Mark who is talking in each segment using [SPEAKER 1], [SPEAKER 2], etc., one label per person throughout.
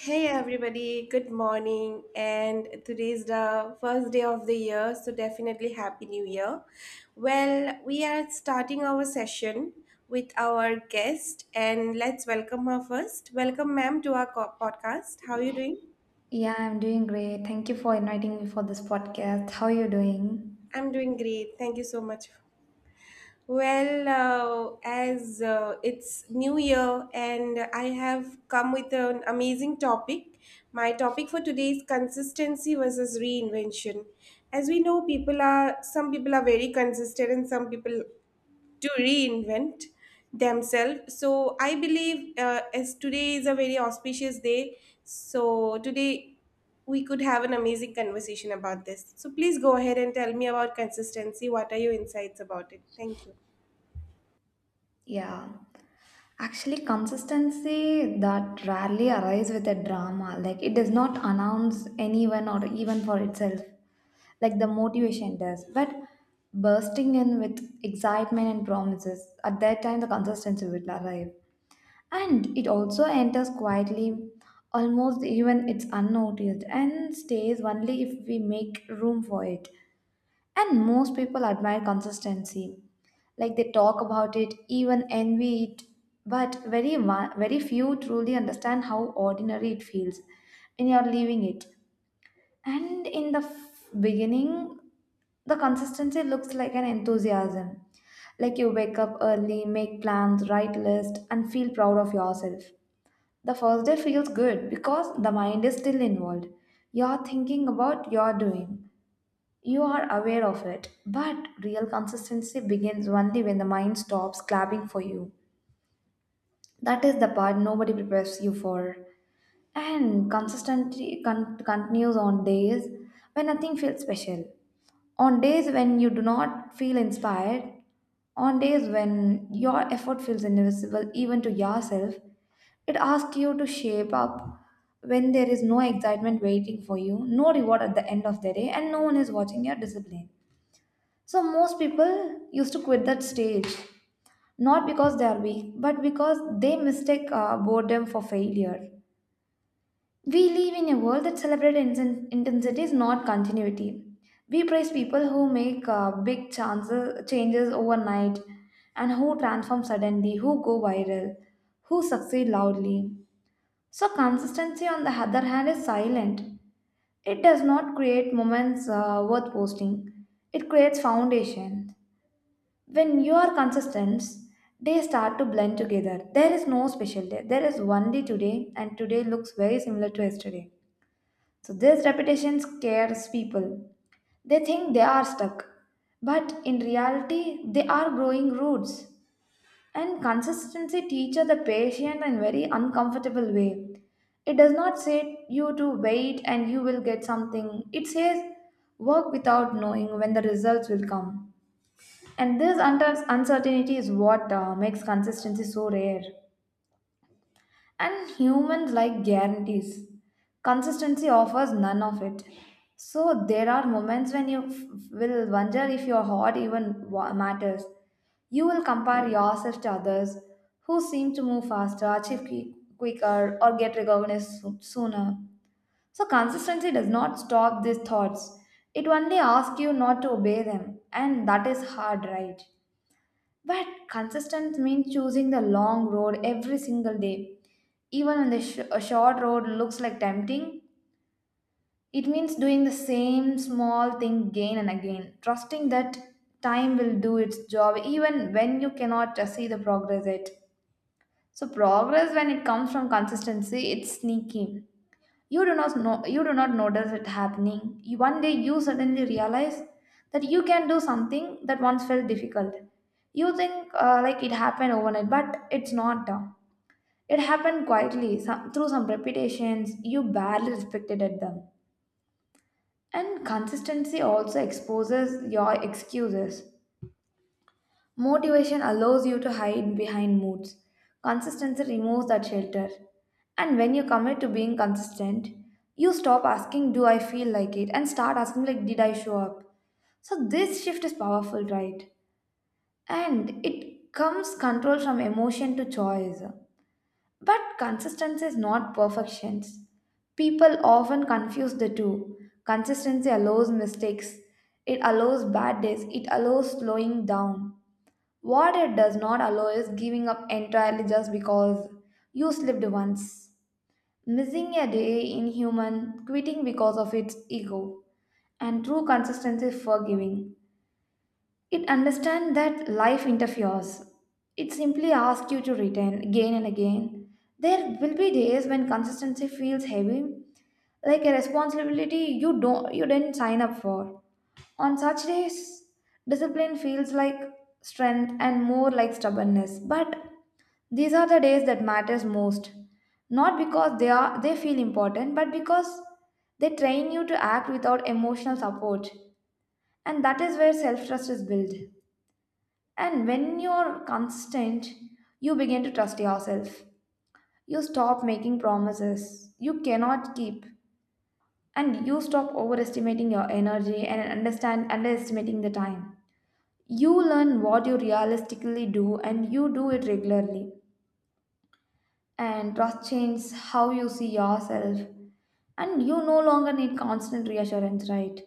[SPEAKER 1] Hey everybody, good morning. And today is the first day of the year, so definitely Happy New Year. Well, we are starting our session with our guest, and let's welcome her first. Welcome, ma'am, to our podcast. How are you doing?
[SPEAKER 2] Yeah, I'm doing great. Thank you for inviting me for this podcast. How are you doing?
[SPEAKER 1] I'm doing great. Thank you so much. Well, as it's New Year and I have come with an amazing topic. My topic for today is consistency versus reinvention. As we know, people are some people are very consistent and some people to reinvent themselves. So I believe, as today is a very auspicious day, so today we could have an amazing conversation about this. So please go ahead and tell me about consistency. What are your insights about it? Thank you.
[SPEAKER 2] Yeah. Actually, consistency that rarely arrives with a drama. Like, it does not announce anyone or even for itself. Like, the motivation does. But bursting in with excitement and promises, at that time, the consistency will arrive. And it also enters quietly, almost even it's unnoticed, and stays only if we make room for it. And most people admire consistency. Like they talk about it, even envy it, but very few truly understand how ordinary it feels when you're leaving it. And in the beginning, the consistency looks like an enthusiasm. Like you wake up early, make plans, write list, and feel proud of yourself. The first day feels good because the mind is still involved. You're thinking about your doing. You are aware of it. But real consistency begins only when the mind stops clapping for you. That is the part nobody prepares you for. And consistency continues on days when nothing feels special, on days when you do not feel inspired, on days when your effort feels invisible even to yourself. It asks you to shape up when there is no excitement waiting for you, no reward at the end of the day, and no one is watching your discipline. So, most people used to quit that stage not because they are weak, but because they mistake boredom for failure. We live in a world that celebrates intensity is not continuity. We praise people who make big changes overnight and who transform suddenly, who go viral, who succeed loudly. So, consistency, on the other hand, is silent. It does not create moments worth posting, it creates foundation. When you are consistent, they start to blend together. There is no special day. There is one day today, and today looks very similar to yesterday. So this repetition scares people. They think they are stuck, but in reality, they are growing roots. And consistency teaches the patient in very uncomfortable way. It does not say you to wait and you will get something. It says work without knowing when the results will come. And this uncertainty is what makes consistency so rare. And humans like guarantees. Consistency offers none of it. So there are moments when will wonder if your heart even matters. You will compare yourself to others who seem to move faster, achieve quicker, or get recognized sooner. So consistency does not stop these thoughts. It only asks you not to obey them, and that is hard, right? But consistent means choosing the long road every single day. Even when a short road looks like tempting, it means doing the same small thing again and again, trusting that time will do its job even when you cannot see the progress yet. So progress, when it comes from consistency, it's sneaky. You do not know, you do not notice it happening. One day you suddenly realize that you can do something that once felt difficult. You think like it happened overnight, but it's not. It happened quietly, through some repetitions you barely respected at them. And consistency also exposes your excuses. Motivation allows you to hide behind moods. Consistency removes that shelter. And when you commit to being consistent, you stop asking, "Do I feel like it?" and start asking, like, "Did I show up?" So this shift is powerful, right? And it comes control from emotion to choice. But consistency is not perfection. People often confuse the two. Consistency allows mistakes, it allows bad days, it allows slowing down. What it does not allow is giving up entirely just because you slipped once. Missing a day in human, quitting because of its ego, and true consistency is forgiving. It understands that life interferes. It simply asks you to return again and again. There will be days when consistency feels heavy, like a responsibility you didn't sign up for. On such days, discipline feels like strength and more like stubbornness. But these are the days that matters most. Not because they feel important, but because they train you to act without emotional support. And that is where self-trust is built. And when you're constant, you begin to trust yourself. You stop making promises you cannot keep. And you stop overestimating your energy and understand underestimating the time. You learn what you realistically do and you do it regularly. And trust changes how you see yourself. And you no longer need constant reassurance, right?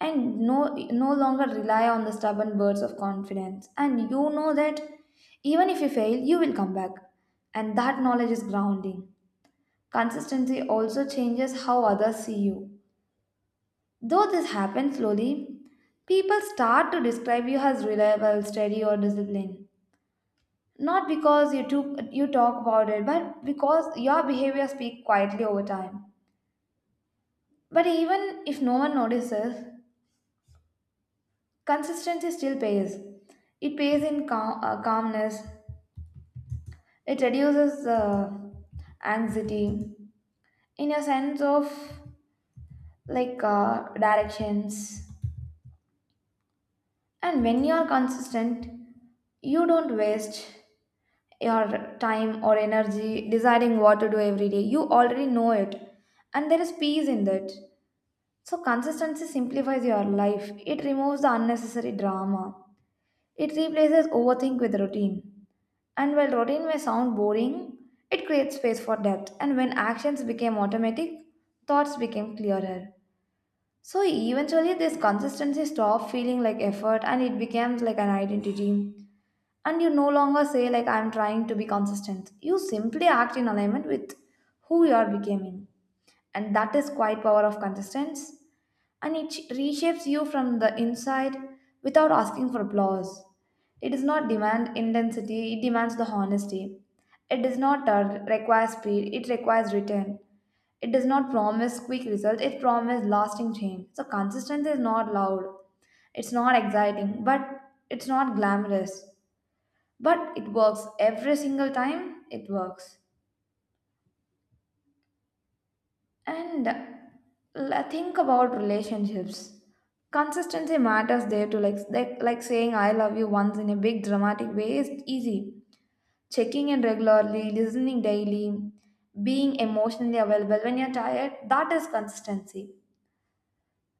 [SPEAKER 2] And no longer rely on the stubborn words of confidence. And you know that even if you fail, you will come back. And that knowledge is grounding. Consistency also changes how others see you. Though this happens slowly, people start to describe you as reliable, steady, or disciplined. Not because you talk about it, but because your behavior speaks quietly over time. But even if no one notices, consistency still pays. It pays in calmness. It reduces anxiety in your sense of like directions. And when you are consistent, you don't waste your time or energy deciding what to do every day. You already know it, and there is peace in that. So, consistency simplifies your life. It removes the unnecessary drama. It replaces overthink with routine. And while routine may sound boring, it creates space for depth. And when actions became automatic, thoughts became clearer. So eventually, this consistency stopped feeling like effort and it becomes like an identity. And you no longer say, like, "I'm trying to be consistent." You simply act in alignment with who you are becoming. And that is quite power of consistency. And it reshapes you from the inside without asking for applause. It does not demand intensity, it demands the honesty. It does not require speed, it requires return. It does not promise quick results, it promises lasting change. So consistency is not loud. It's not exciting, but it's not glamorous. But it works every single time it works. And think about relationships. Consistency matters there too. Like, like saying "I love you" once in a big dramatic way is easy. Checking in regularly, listening daily, being emotionally available when you're tired, that is consistency.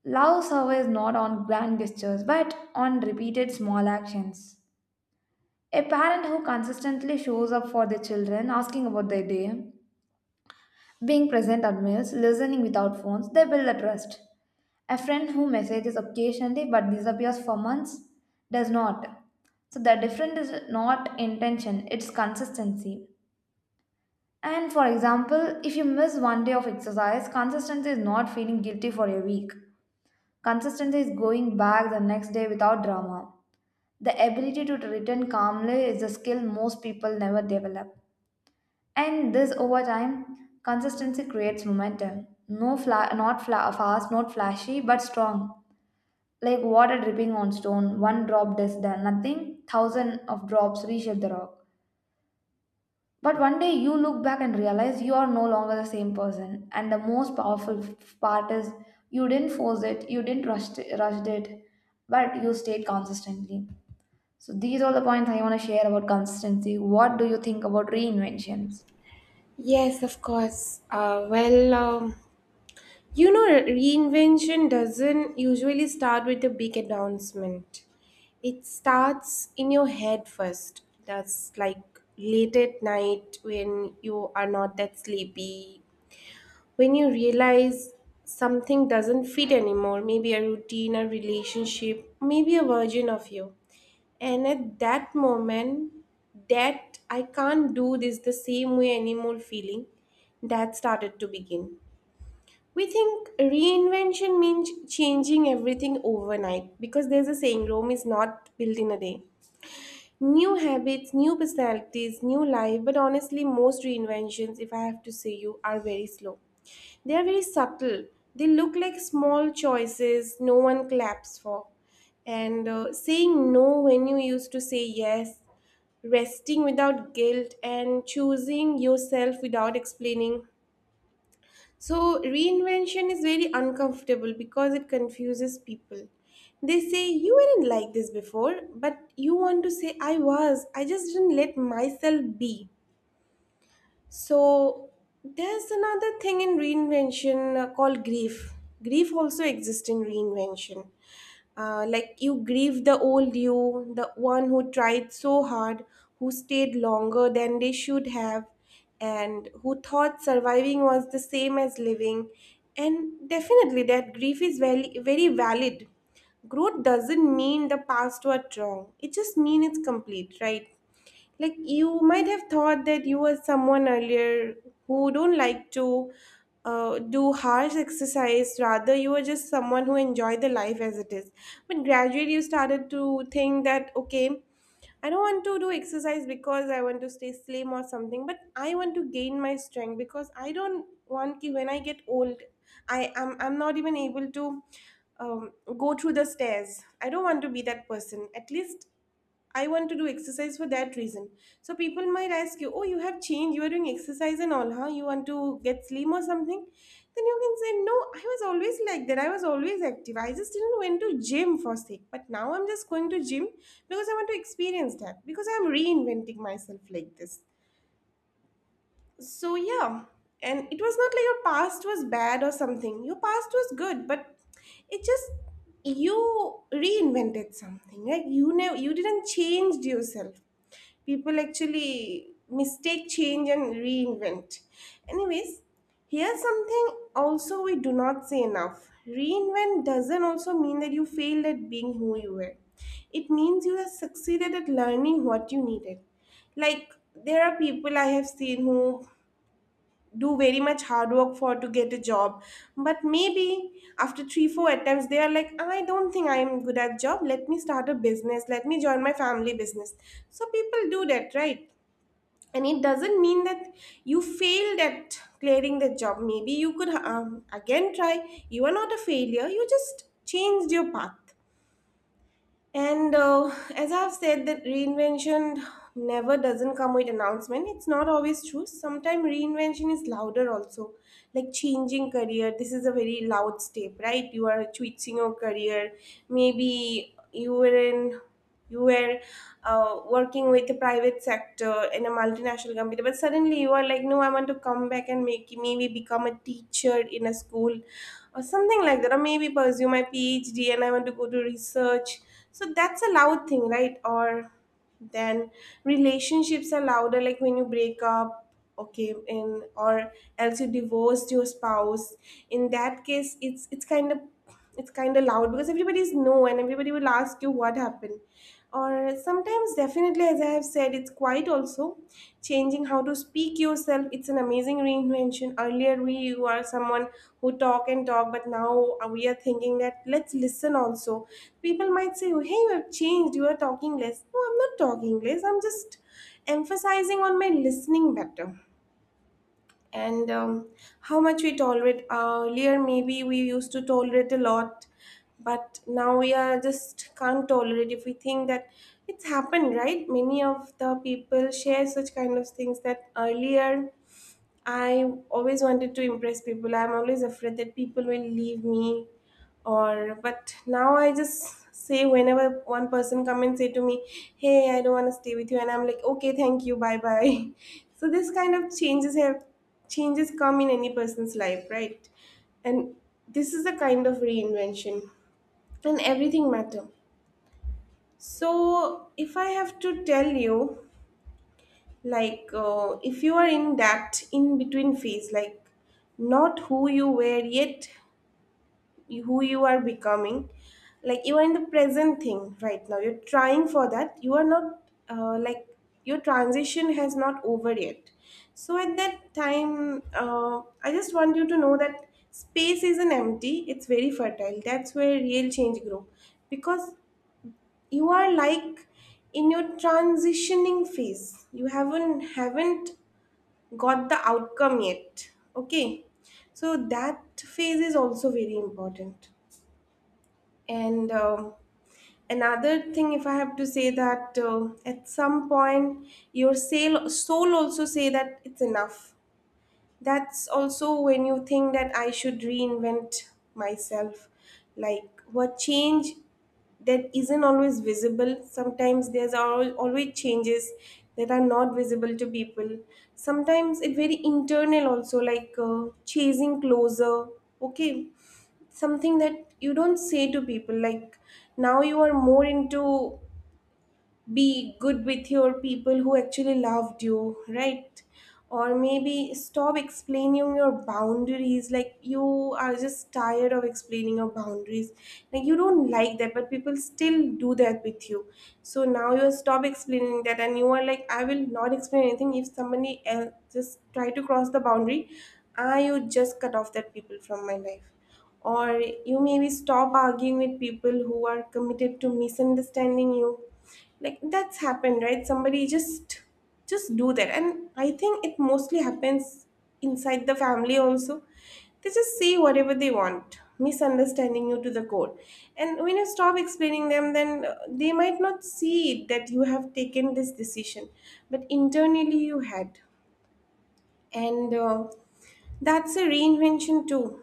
[SPEAKER 2] Love surveys not on grand gestures but on repeated small actions. A parent who consistently shows up for their children, asking about their day, being present at meals, listening without phones, they build a trust. A friend who messages occasionally but disappears for months does not. So the difference is not intention, it's consistency. And for example, if you miss one day of exercise, consistency is not feeling guilty for a week. Consistency is going back the next day without drama. The ability to return calmly is a skill most people never develop. And this over time, consistency creates momentum. No fla- not fla- fast, not flashy, but strong. Like water dripping on stone, one drop does the nothing, thousand of drops reshape the rock. But one day you look back and realize you are no longer the same person. And the most powerful part is you didn't force it, you didn't rush it, rushed it, but you stayed consistently. So these are the points I want to share about consistency. What do you think about reinventions?
[SPEAKER 1] Yes, of course. You know, reinvention doesn't usually start with a big announcement. It starts in your head first. That's like late at night when you are not that sleepy, when you realize something doesn't fit anymore, maybe a routine, a relationship, maybe a version of you, and at that moment, that "I can't do this the same way anymore" feeling, that started to begin. We think reinvention means changing everything overnight, because there's a saying, Rome is not built in a day. New habits, new personalities, new life, but honestly, most reinventions, if I have to say you, are very slow. They are very subtle. They look like small choices no one claps for. And Saying no when you used to say yes, resting without guilt, and choosing yourself without explaining. So, reinvention is very uncomfortable because it confuses people. They say, "You weren't like this before," but you want to say, "I was. I just didn't let myself be." So there's another thing in reinvention, called grief. Grief also exists in reinvention. Like, you grieve the old you, the one who tried so hard, who stayed longer than they should have, and who thought surviving was the same as living. And definitely, that grief is very, very valid. Growth doesn't mean the past was wrong. It just means it's complete, right? Like, you might have thought that you were someone earlier who don't like to do harsh exercise. Rather, you were just someone who enjoyed the life as it is. But gradually, you started to think that, okay, I don't want to do exercise because I want to stay slim or something, but I want to gain my strength because I don't want ki when I get old, I'm not even able to um, go through the stairs. I don't want to be that person. At least I want to do exercise for that reason. So people might ask you, "Oh, you have changed. You are doing exercise and all, huh? You want to get slim or something?" Then you can say, "No, I was always like that. I was always active. I just didn't went to gym for sake. But now I'm just going to gym because I want to experience that because I'm reinventing myself like this." So yeah, and it was not like your past was bad or something. Your past was good, but it just, you reinvented something. Like, you didn't change yourself. People actually mistake change and reinvent. Anyways, here's something also we do not say enough. Reinvent doesn't also mean that you failed at being who you were. It means you have succeeded at learning what you needed. Like, there are people I have seen who do very much hard work for to get a job, but maybe after three four attempts, they are like, "I don't think I am good at job, let me start a business, let me join my family business." So people do that, right? And it doesn't mean that you failed at clearing the job. Maybe you could, again try. You are not a failure, you just changed your path. And As I've said, that reinvention never doesn't come with announcement. It's not always true. Sometimes reinvention is louder also, like changing career. This is a very loud step, right? You are switching your career. Maybe you were, working with the private sector in a multinational company, but suddenly you are like, no, I want to come back and make, maybe become a teacher in a school, or something like that, or maybe pursue my PhD and I want to go to research. So that's a loud thing, right? Or then relationships are louder, like when you break up, okay, in, or else you divorced your spouse. In that case, it's kind of loud because everybody's know and everybody will ask you what happened. Or sometimes definitely, as I have said, it's quite also changing how to speak yourself. It's an amazing reinvention. Earlier, we were someone who talk and talk, but now, we are thinking that let's listen also. People might say, "Oh, hey, you have changed, you are talking less." No, I'm not talking less, I'm just emphasizing on my listening better. And How much we tolerate. Earlier, maybe we used to tolerate a lot, but now we are just can't tolerate if we think that it's happened, right? Many of the people share such kind of things, that earlier I always wanted to impress people. I'm always afraid that people will leave me, or, but now I just say, whenever one person come and say to me, "Hey, I don't want to stay with you." And I'm like, "Okay, thank you. Bye-bye." So this kind of changes come in any person's life, right? And this is a kind of reinvention, and everything matter. So if I have to tell you, like if you are in that in between phase, like, not who you were yet, who you are becoming, like, you are in the present thing right now, you're trying for that, you are not, uh, like your transition has not over yet. So at that time, I just want you to know that space isn't empty, it's very fertile, that's where real change grow. Because you are like in your transitioning phase, you haven't got the outcome yet. Okay, so that phase is also very important. And Another thing, if I have to say that, at some point your soul also say that it's enough. That's also when you think that I should reinvent myself. Like what change, that isn't always visible. Sometimes there's always changes that are not visible to people. Sometimes it's very internal also, like, chasing closer. Okay, something that you don't say to people. Like, now you are more into be good with your people who actually loved you, right? Or maybe stop explaining your boundaries. Like, you are just tired of explaining your boundaries. Like, you don't like that, but people still do that with you. So now you stop explaining that, and you are like, I will not explain anything. If somebody else just try to cross the boundary, I would just cut off that people from my life. Or you maybe stop arguing with people who are committed to misunderstanding you. Like, that's happened, right? Somebody just do that. And I think it mostly happens inside the family also. They just say whatever they want, misunderstanding you to the core. And when you stop explaining them, then, they might not see it that you have taken this decision, but internally you had. And That's a reinvention too.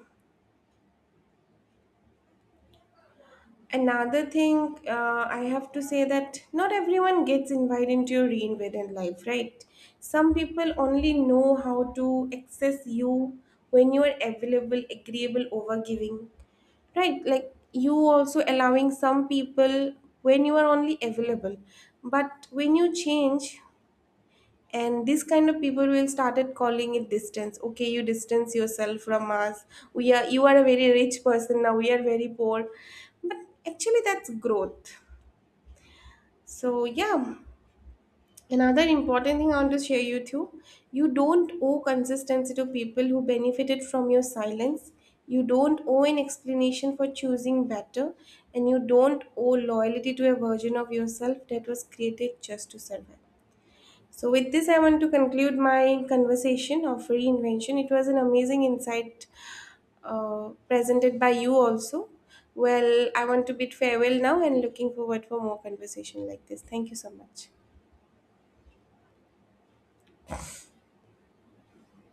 [SPEAKER 1] Another thing, I have to say, that not everyone gets invited into your reinvented life, right? Some people only know how to access you when you are available, agreeable, over giving, right? Like, you also allowing some people when you are only available. But when you change, and this kind of people will started calling it distance. Okay, you distance yourself from us, we are you are a very rich person now, we are very poor. But actually, that's growth. So yeah, another important thing I want to share you too. You don't owe consistency to people who benefited from your silence. You don't owe an explanation for choosing better. And you don't owe loyalty to a version of yourself that was created just to survive. So, with this, I want to conclude my conversation of reinvention. It was an amazing insight presented by you, also. Well, I want to bid farewell now and looking forward for more conversation like this. Thank you so much.